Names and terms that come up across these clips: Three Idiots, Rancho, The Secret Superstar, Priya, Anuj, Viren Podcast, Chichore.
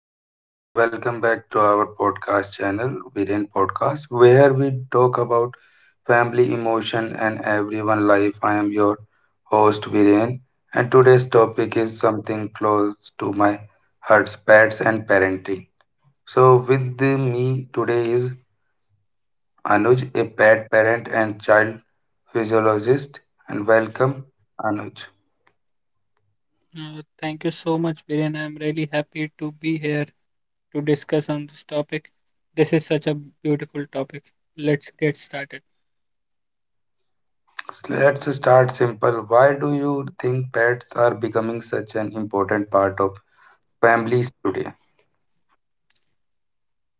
Hello everyone, welcome back to our podcast channel, Viren Podcast, where we talk about family, emotion, and everyone life. I am your host Viren, and today's topic is something close to my heart: pets and parenting. So, with me today is Anuj, a pet parent and child physiologist, and welcome, Anuj. Thank you so much, Viren. I'm really happy to be here to discuss on this topic. This is such a beautiful topic. Let's get started. Let's start simple. Why do you think pets are becoming such an important part of families today?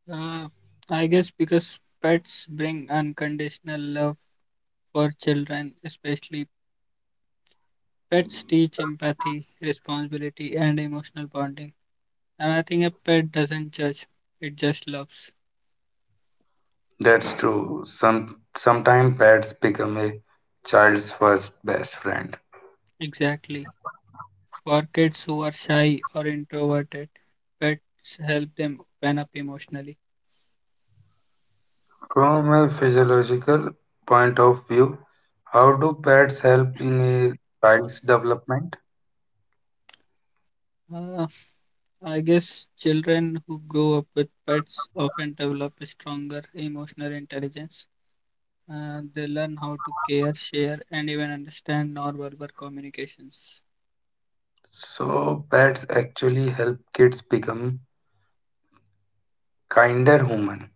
Uh, I guess because pets bring unconditional love for children, especially pets teach empathy, responsibility, and emotional bonding. And I think a pet doesn't judge, it just loves. That's true. Sometimes pets become a child's first best friend. Exactly. For kids who are shy or introverted, pets help them open up emotionally. From a physiological point of view, how do pets help in a child's development? Uh, I guess children who grow up with pets often develop a stronger emotional intelligence. They learn how to care, share, and even understand nonverbal communications. So pets actually help kids become kinder human.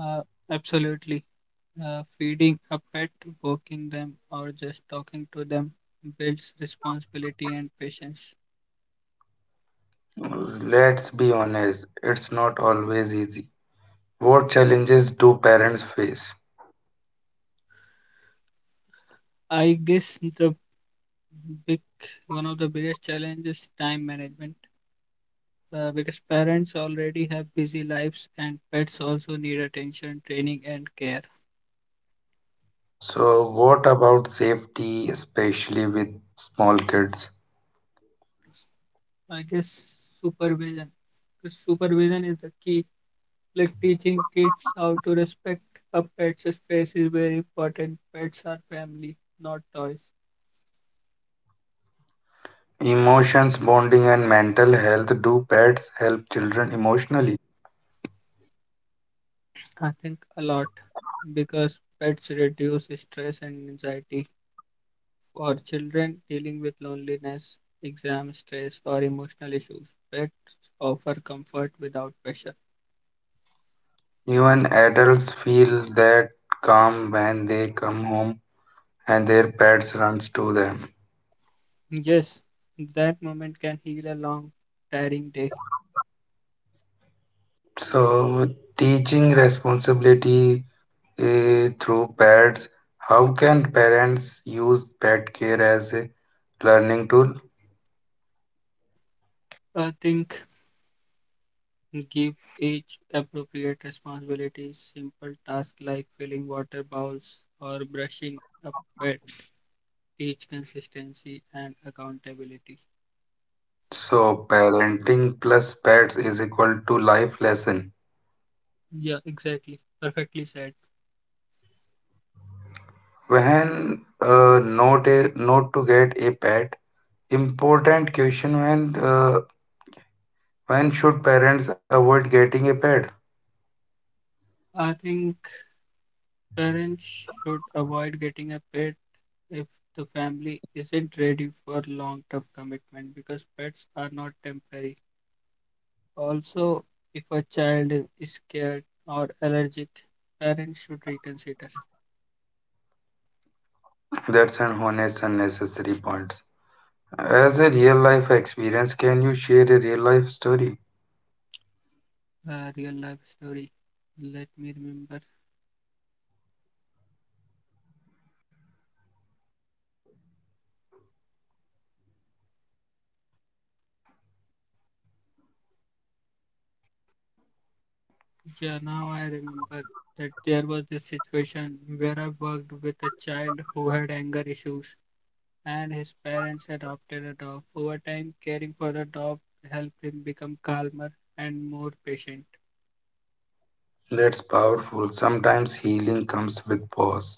Uh, Absolutely. Feeding a pet, walking them, or just talking to them builds responsibility and patience. Let's be honest, it's not always easy. What challenges do parents face? I guess the big one of the biggest challenges time management because parents already have busy lives and pets also need attention, training, and care. So what about safety, especially with small kids? I guess supervision. Because supervision is the key. Like teaching kids how to respect a pet's space is very important. Pets are family, not toys. Emotions, bonding, and mental health. Do pets help children emotionally? I think a lot because pets reduce stress and anxiety for children dealing with loneliness, exam stress, or emotional issues. Pets offer comfort without pressure. Even adults feel that calm when they come home and their pets runs to them. Yes, that moment can heal a long, tiring day. So, teaching responsibility through pets. How can parents use pet care as a learning tool? I think give each appropriate responsibilities. Simple tasks like filling water bowls or brushing a pet teach consistency and accountability. So, parenting plus pets is equal to life lesson. Yeah, exactly. Perfectly said. When not a not To get a pet. Important question, when should parents avoid getting a pet? I think parents should avoid getting a pet if the family isn't ready for long term commitment because pets are not temporary. Also, if a child is scared or allergic, parents should reconsider. That's an honest unnecessary point. As a real life experience, can you share a real life story? A real life story. Let me remember. Yeah, now I remember that there was this situation where I worked with a child who had anger issues, and his parents adopted a dog. Over time, caring for the dog helped him become calmer and more patient. That's powerful. Sometimes healing comes with pause.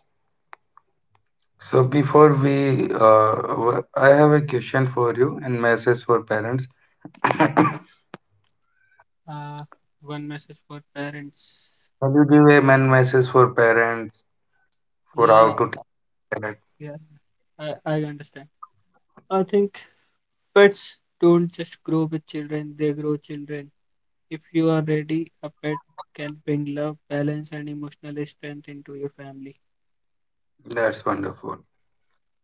So before we, I have a question for you and message for parents. Uh, One message for parents. Can you give a man message for parents for how Yeah, to take that? yeah, I understand. I think pets don't just grow with children, they grow children. If you are ready, a pet can bring love, balance, and emotional strength into your family. That's wonderful.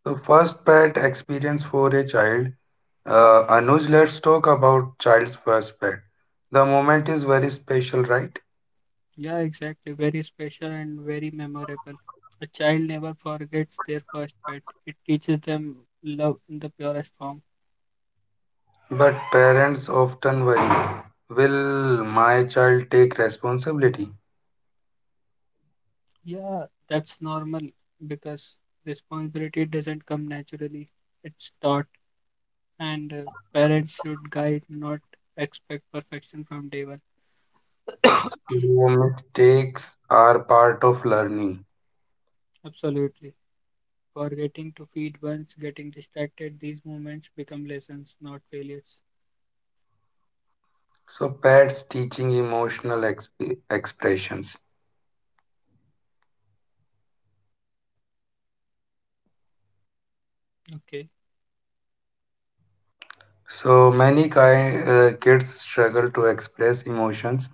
So first pet experience for a child. Anuj, let's talk about child's first pet. The moment is very special, right? Yeah, exactly. Very special and very memorable. A child never forgets their first pet, it teaches them love in the purest form. But parents often worry, will my child take responsibility? Yeah, that's normal because responsibility doesn't come naturally, it's taught, and parents should guide, not expect perfection from day one. Your mistakes are part of learning. Absolutely. Forgetting to feed once, getting distracted. These moments become lessons, not failures. So, pets teaching emotional expressions. Okay. So, many kids struggle to express emotions.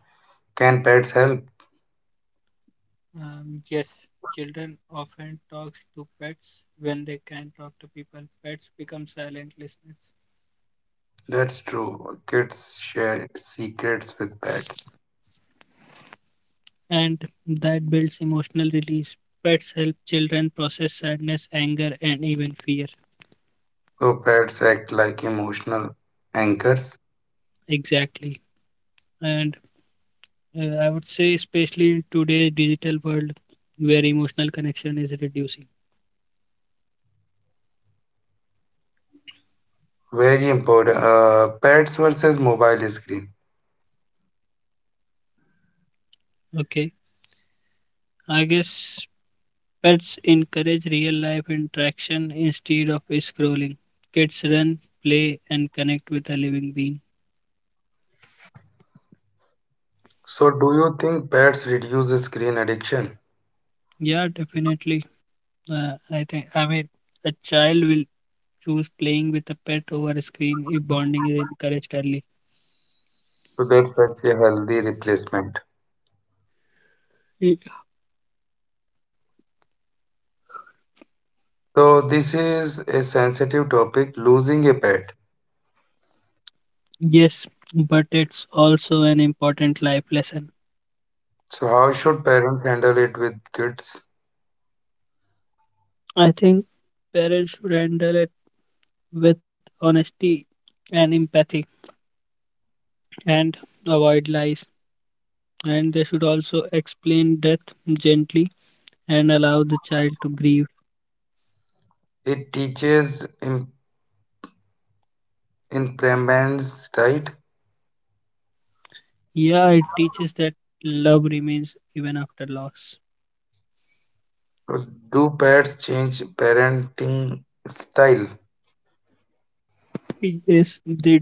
Can pets help? Yes, children often talk to pets when they can not talk to people. Pets become silent listeners, That's true. Kids share secrets with pets. and that builds emotional release. Pets help children process sadness, anger, and even fear. So pets act like emotional anchors. Exactly. And I would say, especially in today's digital world, where emotional connection is reducing. Very important. Pets versus mobile screen. Okay. I guess pets encourage real life interaction instead of scrolling. Kids run, play, and connect with a living being. So do you think pets reduce screen addiction? Yeah, definitely. I think, I mean, a child will choose playing with a pet over a screen if bonding is encouraged early. So that's such a healthy replacement. Y- So this is a sensitive topic, losing a pet. Yes, but it's also an important life lesson. So how should parents handle it with kids? I think parents should handle it with honesty and empathy and avoid lies. And they should also explain death gently and allow the child to grieve. It teaches impermanence, right? Yeah, it teaches that love remains even after loss. So do pets change parenting style? Yes, they do.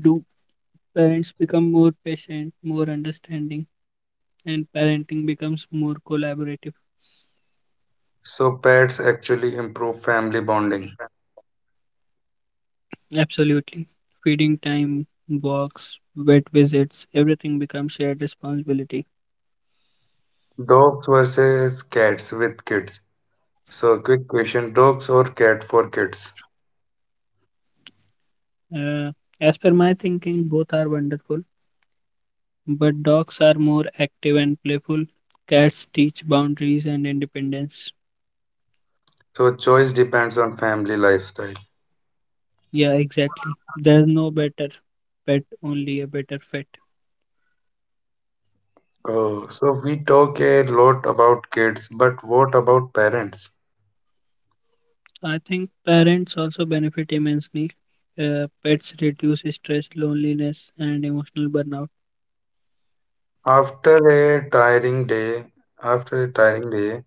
Parents become more patient, more understanding, and parenting becomes more collaborative. So pets actually improve family bonding. Absolutely. Feeding time, walks, vet visits, everything becomes shared responsibility. Dogs versus cats with kids. So, quick question, dogs or cat for kids? Uh, as per my thinking, both are wonderful, but dogs are more active and playful. Cats teach boundaries and independence. So, choice depends on family lifestyle. Yeah, exactly. There's no better pet, only a better fit. Oh, so we talk a lot about kids, but what about parents? I think parents also benefit immensely. Pets reduce stress, loneliness, and emotional burnout. After a tiring day, After a tiring day,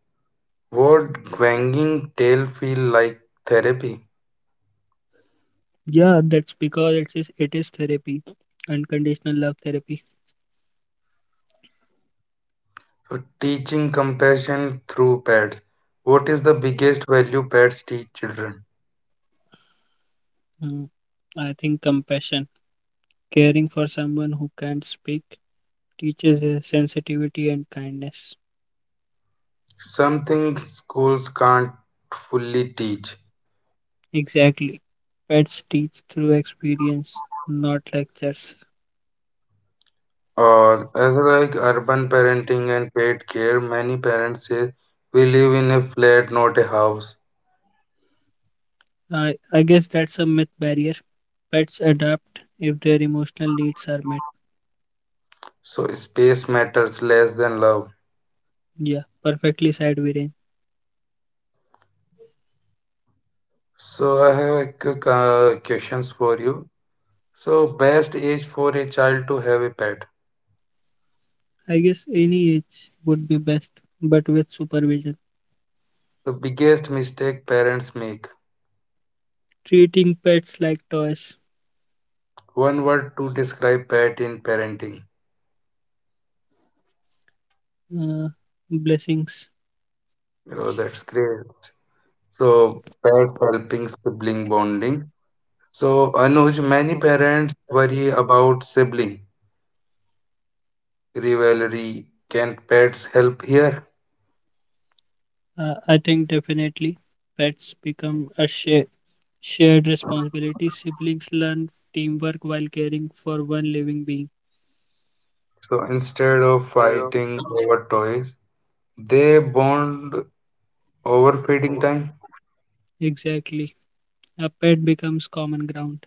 would wagging tail feel like therapy? Yeah, that's because it is therapy, unconditional love therapy. So, teaching compassion through pets. What is the biggest value pets teach children? Mm. I think compassion, caring for someone who can't speak, teaches sensitivity and kindness. Something schools can't fully teach. Exactly. Pets teach through experience, not lectures. Or as like urban parenting and paid care, many parents say we live in a flat, not a house. I guess that's a myth barrier. Pets adapt if their emotional needs are met. So space matters less than love. Yeah, perfectly said, Viren. So I have a quick questions for you. So best age for a child to have a pet. I guess any age would be best, but with supervision. The biggest mistake parents make. Treating pets like toys. One word to describe pet in parenting. uh, Blessings. Oh, that's great. So pets helping sibling bonding. So Anuj, many parents worry about sibling rivalry. Can pets help here? I think definitely pets become shared responsibility. Siblings learn teamwork while caring for one living being. So instead of fighting over toys, they bond over feeding time. Exactly. A pet becomes common ground.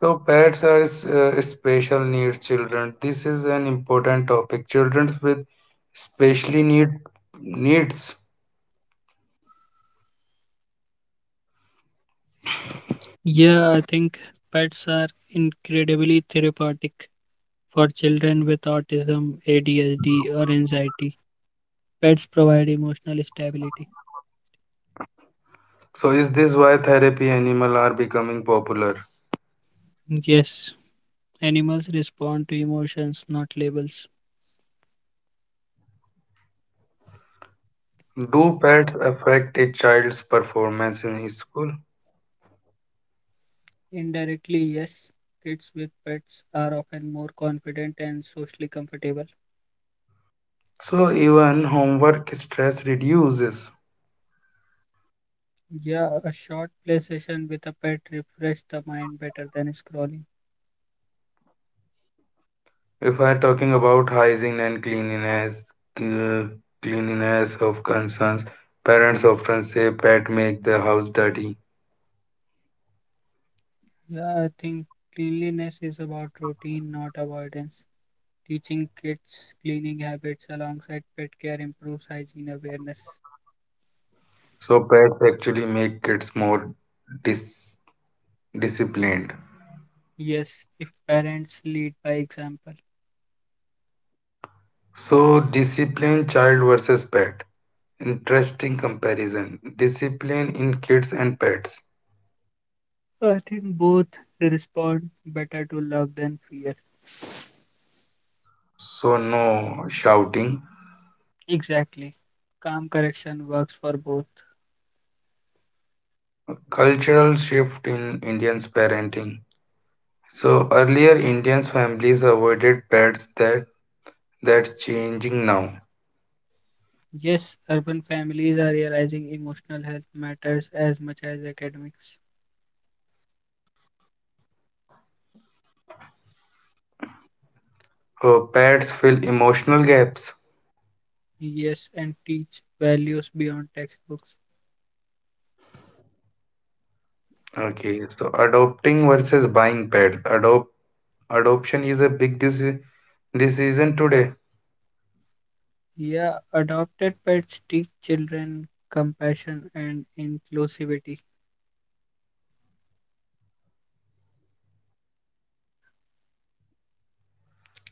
So pets are special needs children. This is an important topic. Children with specially need needs. Yeah, I think pets are incredibly therapeutic for children with autism, ADHD, or anxiety. Pets provide emotional stability. So is this why therapy animal are becoming popular? Yes, animals respond to emotions, not labels. Do pets affect a child's performance in school? Indirectly, yes, kids with pets are often more confident and socially comfortable. So even homework stress reduces. Yeah, a short play session with a pet refresh the mind better than scrolling. If I talking about hygiene and cleanliness, cl- cleanliness of concerns, parents often say pet make the house dirty. Yeah, I think cleanliness is about routine, not avoidance. Teaching kids cleaning habits alongside pet care improves hygiene awareness. So pets actually make kids more dis- disciplined. Yes, if parents lead by example, So disciplined child versus pet. Interesting comparison. Discipline in kids and pets. so I think both respond better to love than fear. So no shouting. Exactly. Calm correction works for both. Cultural shift in Indians parenting. So earlier Indians families avoided pets. That That's changing now. Yes, urban families are realizing emotional health matters as much as academics. Oh, pets fill emotional gaps. Yes, and teach values beyond textbooks. Okay, so adopting versus buying pets. Adoption is a big decision today. Yeah, adopted pets teach children compassion and inclusivity.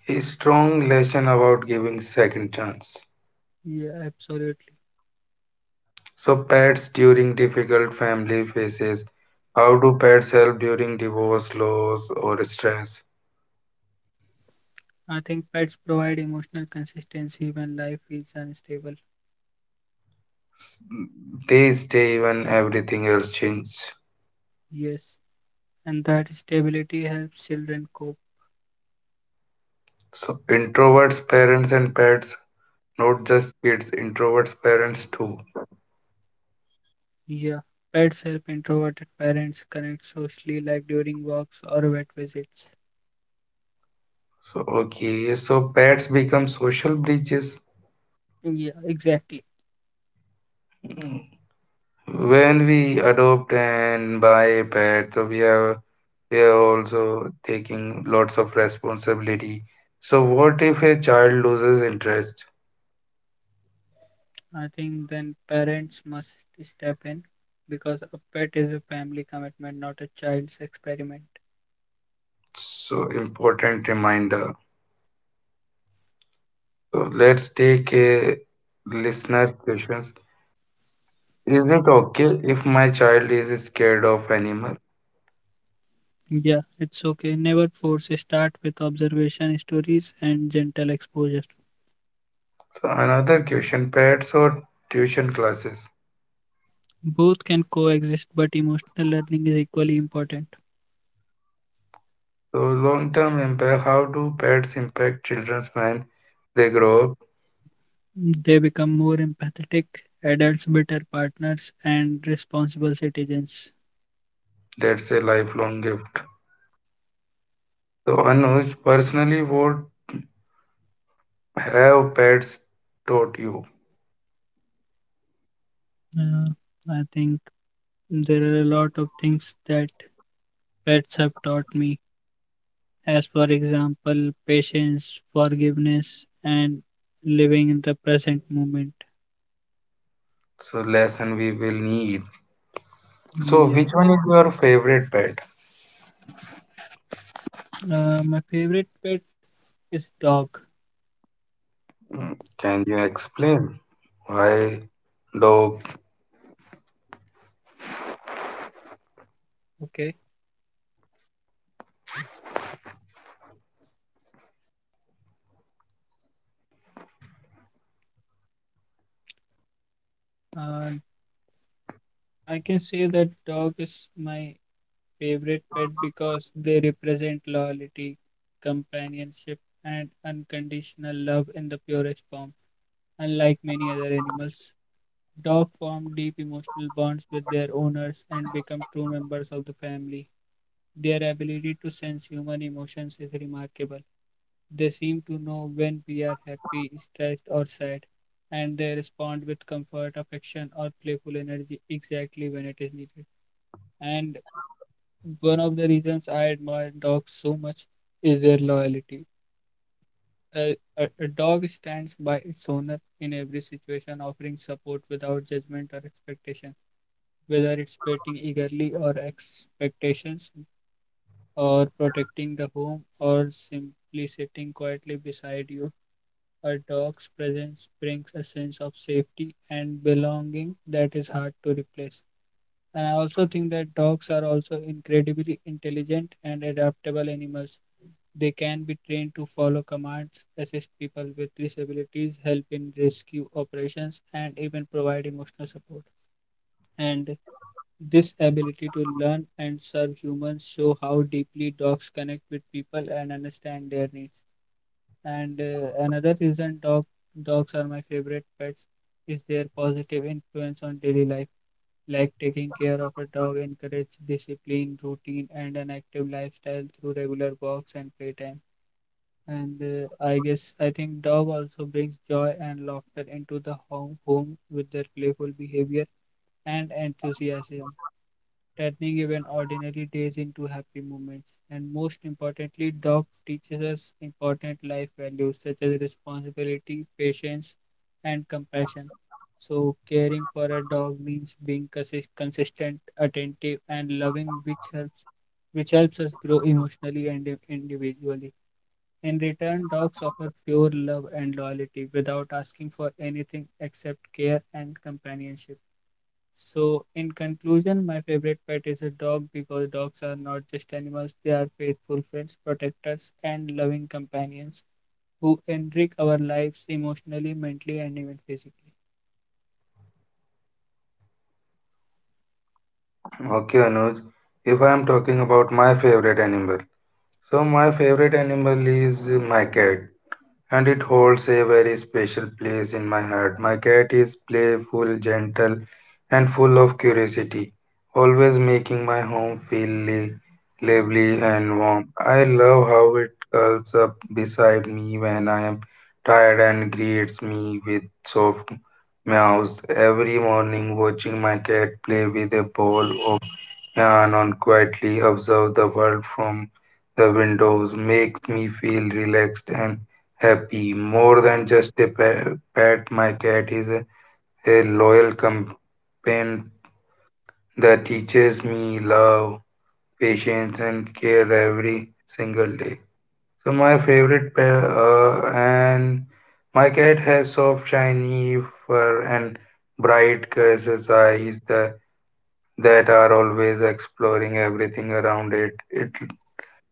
A strong lesson about giving second chance. Yeah, absolutely. So pets during difficult family phases. How do pets help during divorce, loss, or stress? I think pets provide emotional consistency when life is unstable. They stay when everything else changes. Yes, and that stability helps children cope. So introverts, parents, and pets. Not just kids. Introverts, parents too. Yeah, pets help introverted parents connect socially, like during walks or vet visits. So, okay, so pets become social bridges. Yeah, exactly. Mm. When we adopt and buy a pet, so we are also taking lots of responsibility. So, what if a child loses interest? I think then parents must step in because a pet is a family commitment, not a child's experiment. So important reminder. So let's take a listener questions. Is it okay if my child is scared of animal? Yeah, it's okay. Never force. Start with observation stories and gentle exposure. So another question, pets or tuition classes? Both can coexist, but emotional learning is equally important. So long-term impact, how do pets impact children when they grow up? They become more empathetic adults, better partners, and responsible citizens. That's a lifelong gift. So Anuj, personally, what have pets taught you? Uh, I think there are a lot of things that pets have taught me, as for example, patience, forgiveness, and living in the present moment. So lesson we will need. Yeah. So which one is your favorite pet? My favorite pet is dog. Mm, can you explain why dog? Okay. Uh, I can say that dog is my favorite pet because they represent loyalty, companionship, and unconditional love in the purest form. Unlike many other animals, dogs form deep emotional bonds with their owners and become true members of the family. Their ability to sense human emotions is remarkable. They seem to know when we are happy, stressed, or sad, and they respond with comfort, affection, or playful energy exactly when it is needed. And one of the reasons I admire dogs so much is their loyalty. A dog stands by its owner in every situation, offering support without judgment or expectation, whether it's waiting eagerly or expectations, or protecting the home, or simply sitting quietly beside you. A dog's presence brings a sense of safety and belonging that is hard to replace. And I also think that dogs are also incredibly intelligent and adaptable animals. They can be trained to follow commands, assist people with disabilities, help in rescue operations, and even provide emotional support. And this ability to learn and serve humans show how deeply dogs connect with people and understand their needs. And another reason dogs are my favorite pets is their positive influence on daily life like taking care of a dog encourages discipline, routine, and an active lifestyle through regular walks and playtime. And I think dog also brings joy and laughter into the home with their playful behavior and enthusiasm turning even ordinary days into happy moments. And most importantly, dog teaches us important life values such as responsibility, patience, and compassion. So, caring for a dog means being consistent, attentive, and loving, which helps us grow emotionally and individually. In return, dogs offer pure love and loyalty without asking for anything except care and companionship. So, in conclusion, my favorite pet is a dog because dogs are not just animals, they are faithful friends, protectors, and loving companions who enrich our lives emotionally, mentally, and even physically. Okay, Anuj. If I am talking about my favorite animal, so my favorite animal is my cat, and it holds a very special place in my heart. My cat is playful, gentle, and full of curiosity, always making my home feel lively and warm. I love how it curls up beside me when I am tired and greets me with soft meows. Every morning, watching my cat play with a ball of yarn on quietly observe the world from the windows makes me feel relaxed and happy. More than just a pet, my cat is a loyal companion that teaches me love, patience, and care every single day. So my favorite pet, and my cat has soft, shiny fur and bright, curious eyes that are always exploring everything around it. It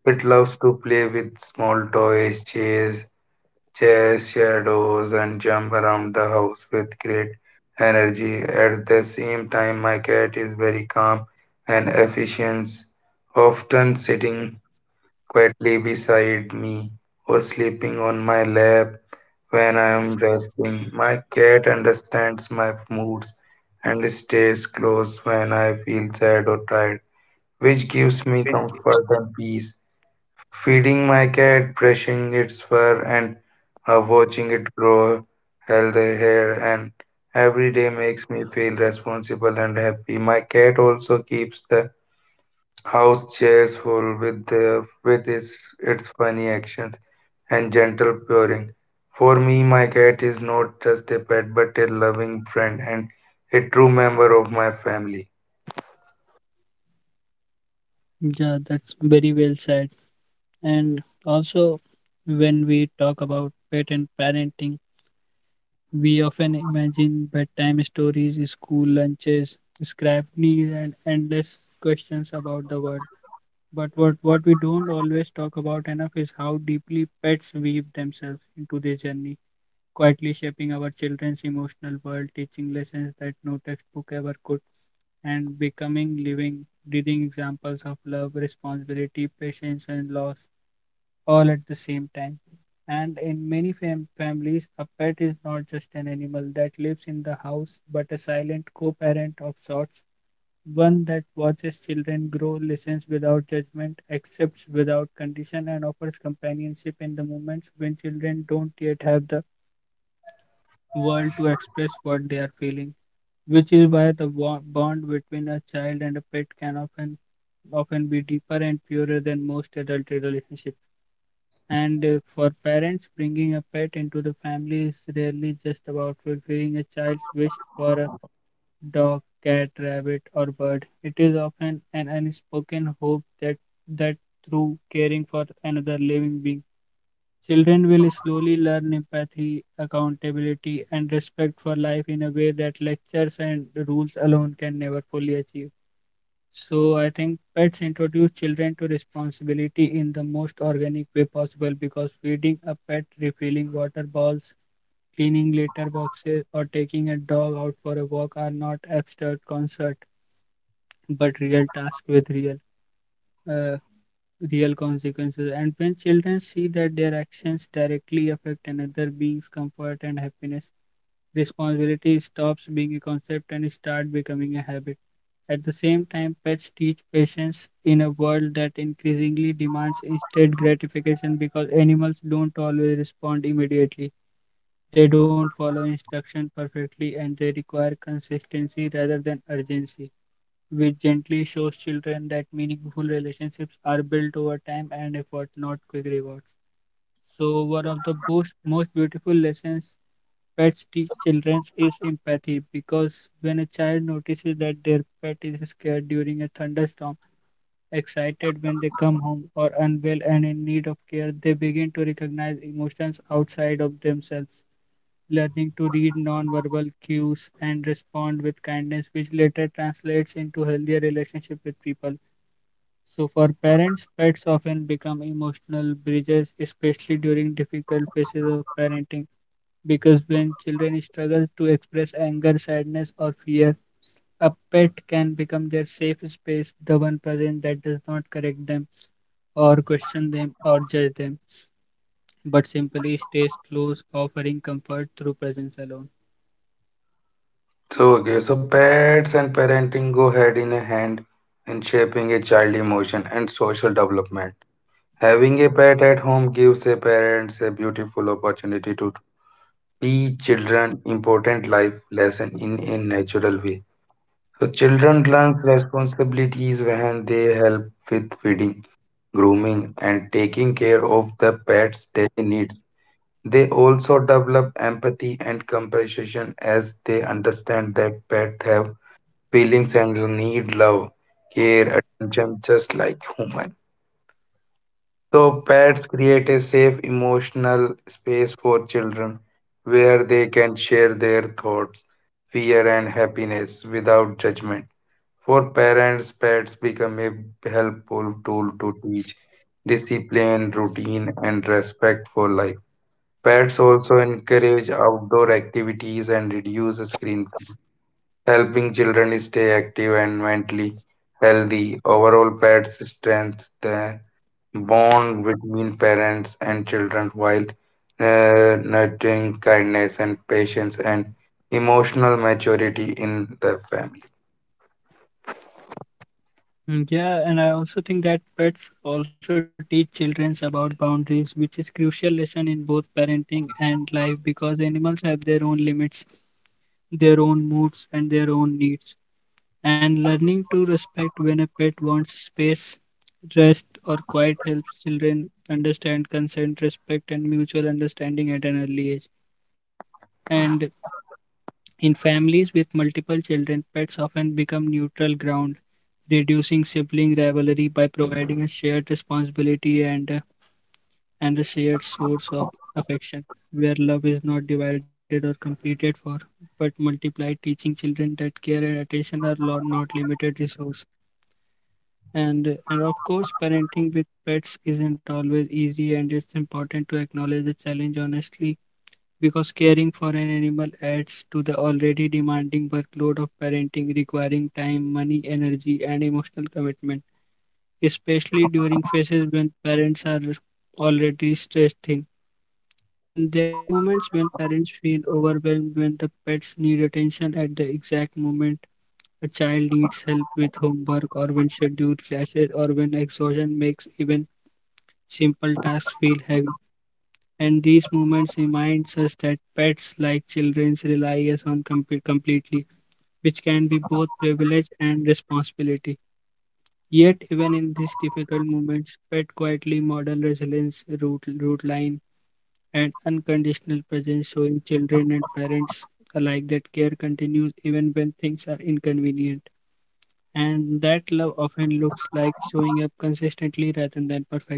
it loves to play with small toys, chase shadows and jump around the house with great energy. At the same time, my cat is very calm and efficient, often sitting quietly beside me or sleeping on my lap when I am resting. My cat understands my moods and stays close when I feel sad or tired, which gives me comfort and peace. Feeding my cat, brushing its fur, and watching it grow healthy hair, and every day makes me feel responsible and happy. My cat also keeps the house chairs full with the, with its funny actions and gentle purring. For me, my cat is not just a pet but a loving friend and a true member of my family. Yeah, that's very well said. And also, when we talk about pet and parenting, we often imagine bedtime stories, school lunches, scrap knees, and endless questions about the world. But what we don't always talk about enough is how deeply pets weave themselves into this journey, quietly shaping our children's emotional world, teaching lessons that no textbook ever could, and becoming living, breathing examples of love, responsibility, patience, and loss all at the same time. And in many families, a pet is not just an animal that lives in the house, but a silent co parent of sorts, one that watches children grow, listens without judgment, accepts without condition, and offers companionship in the moments when children don't yet have the world to express what they are feeling. Which is why the bond between a child and a pet can often be deeper and purer than most adult relationships. And for parents, bringing a pet into the family is rarely just about fulfilling a child's wish for a dog, cat, rabbit, or bird. It is often an unspoken hope that through caring for another living being, children will slowly learn empathy, accountability, and respect for life in a way that lectures and rules alone can never fully achieve. So I think pets introduce children to responsibility in the most organic way possible because feeding a pet, refilling water bowls, cleaning litter boxes, or taking a dog out for a walk are not abstract concert but real tasks with uh, real consequences. And when children see that their actions directly affect another being's comfort and happiness, responsibility stops being a concept and start becoming a habit. At the same time, pets teach patience in a world that increasingly demands instant gratification because animals don't always respond immediately. They don't follow instruction perfectly and they require consistency rather than urgency, which gently shows children that meaningful relationships are built over time and effort, not quick rewards. So, one of the most beautiful lessons pets teach children is empathy because when a child notices that their pet is scared during a thunderstorm, excited when they come home, or unwell and in need of care, they begin to recognize emotions outside of themselves, learning to read nonverbal cues and respond with kindness, which later translates into healthier relationship with people. So, for parents, pets often become emotional bridges, especially during difficult phases of parenting because when children struggle to express anger, sadness, or fear, a pet can become their safe space, the one present that does not correct them or question them or judge them, but simply stays close, offering comfort through presence alone. So, okay, so pets and parenting go hand in hand in shaping a child emotion and social development. Having a pet at home gives a parents a beautiful opportunity to teach children important life lesson in a natural way. So children learn responsibilities when they help with feeding, grooming, and taking care of the pet's daily needs. They also develop empathy and compassion as they understand that pets have feelings and need love, care, attention just like human. So pets create a safe emotional space for children where they can share their thoughts, fear and happiness without judgment. For parents, pets become a helpful tool to teach discipline, routine and respect for life. Pets also encourage outdoor activities and reduce screen time helping children stay active and mentally healthy. Overall, pets strengthens the bond between parents and children while nurturing kindness and patience and emotional maturity in the family. Mm, yeah, and I also think that pets also teach children about boundaries, which is crucial lesson in both parenting and life because animals have their own limits, their own moods, and their own needs. And learning to respect when a pet wants space, rest, or quiet helps children understand consent, respect, and mutual understanding at an early age. And in families with multiple children, pets often become neutral ground, reducing sibling rivalry by providing a shared responsibility and and a shared source of affection, where love is not divided or competed for, but multiplied, teaching children that care and attention are not limited resources. And of course, parenting with pets isn't always easy, and it's important to acknowledge the challenge honestly because caring for an animal adds to the already demanding workload of parenting, requiring time, money, energy, and emotional commitment, especially during phases when parents are already stressed thin. And there are moments when parents feel overwhelmed when the pets need attention at the exact moment a child needs help with homework or when schedule clashes or when exhaustion makes even simple tasks feel heavy. And these moments reminds us that pets like children rely us on completely, which can be both privilege and responsibility. Yet even in these difficult moments, pet quietly model resilience, root line, and unconditional presence showing children and parents alike that care continues even when things are inconvenient. And that love often looks like showing up consistently rather than perfectly.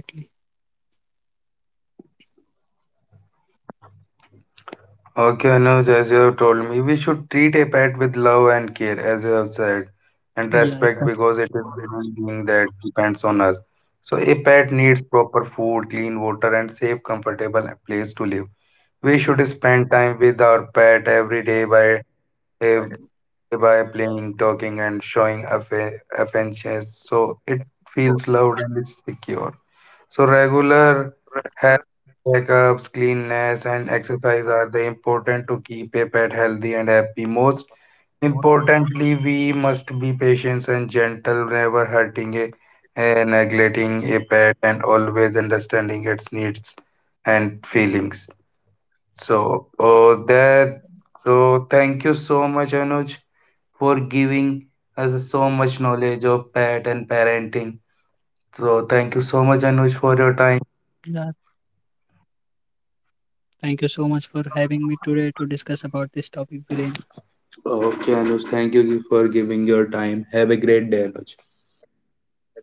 Okay, Anuj, as you have told me, we should treat a pet with love and care, as you have said, and respect Yeah, because it exactly. is a living being that depends on us. So, a pet needs proper food, clean water, and safe, comfortable place to live. We should spend time with our pet every day by eh, by playing, talking, and showing affection so it feels loved and secure. So regular health checkups, cleanness, and exercise are the important to keep a pet healthy and happy. Most importantly, we must be patient and gentle, never hurting neglecting a pet, and always understanding its needs and feelings. So, so thank you so much, Anuj, for giving us so much knowledge of pet and parenting. So, thank you Yeah. so much, Anuj, for your time. Thank you so much for having me today to discuss about this topic, Viren. Okay, Anuj, thank you for giving your time. Have a great day, Anuj. Have a great day.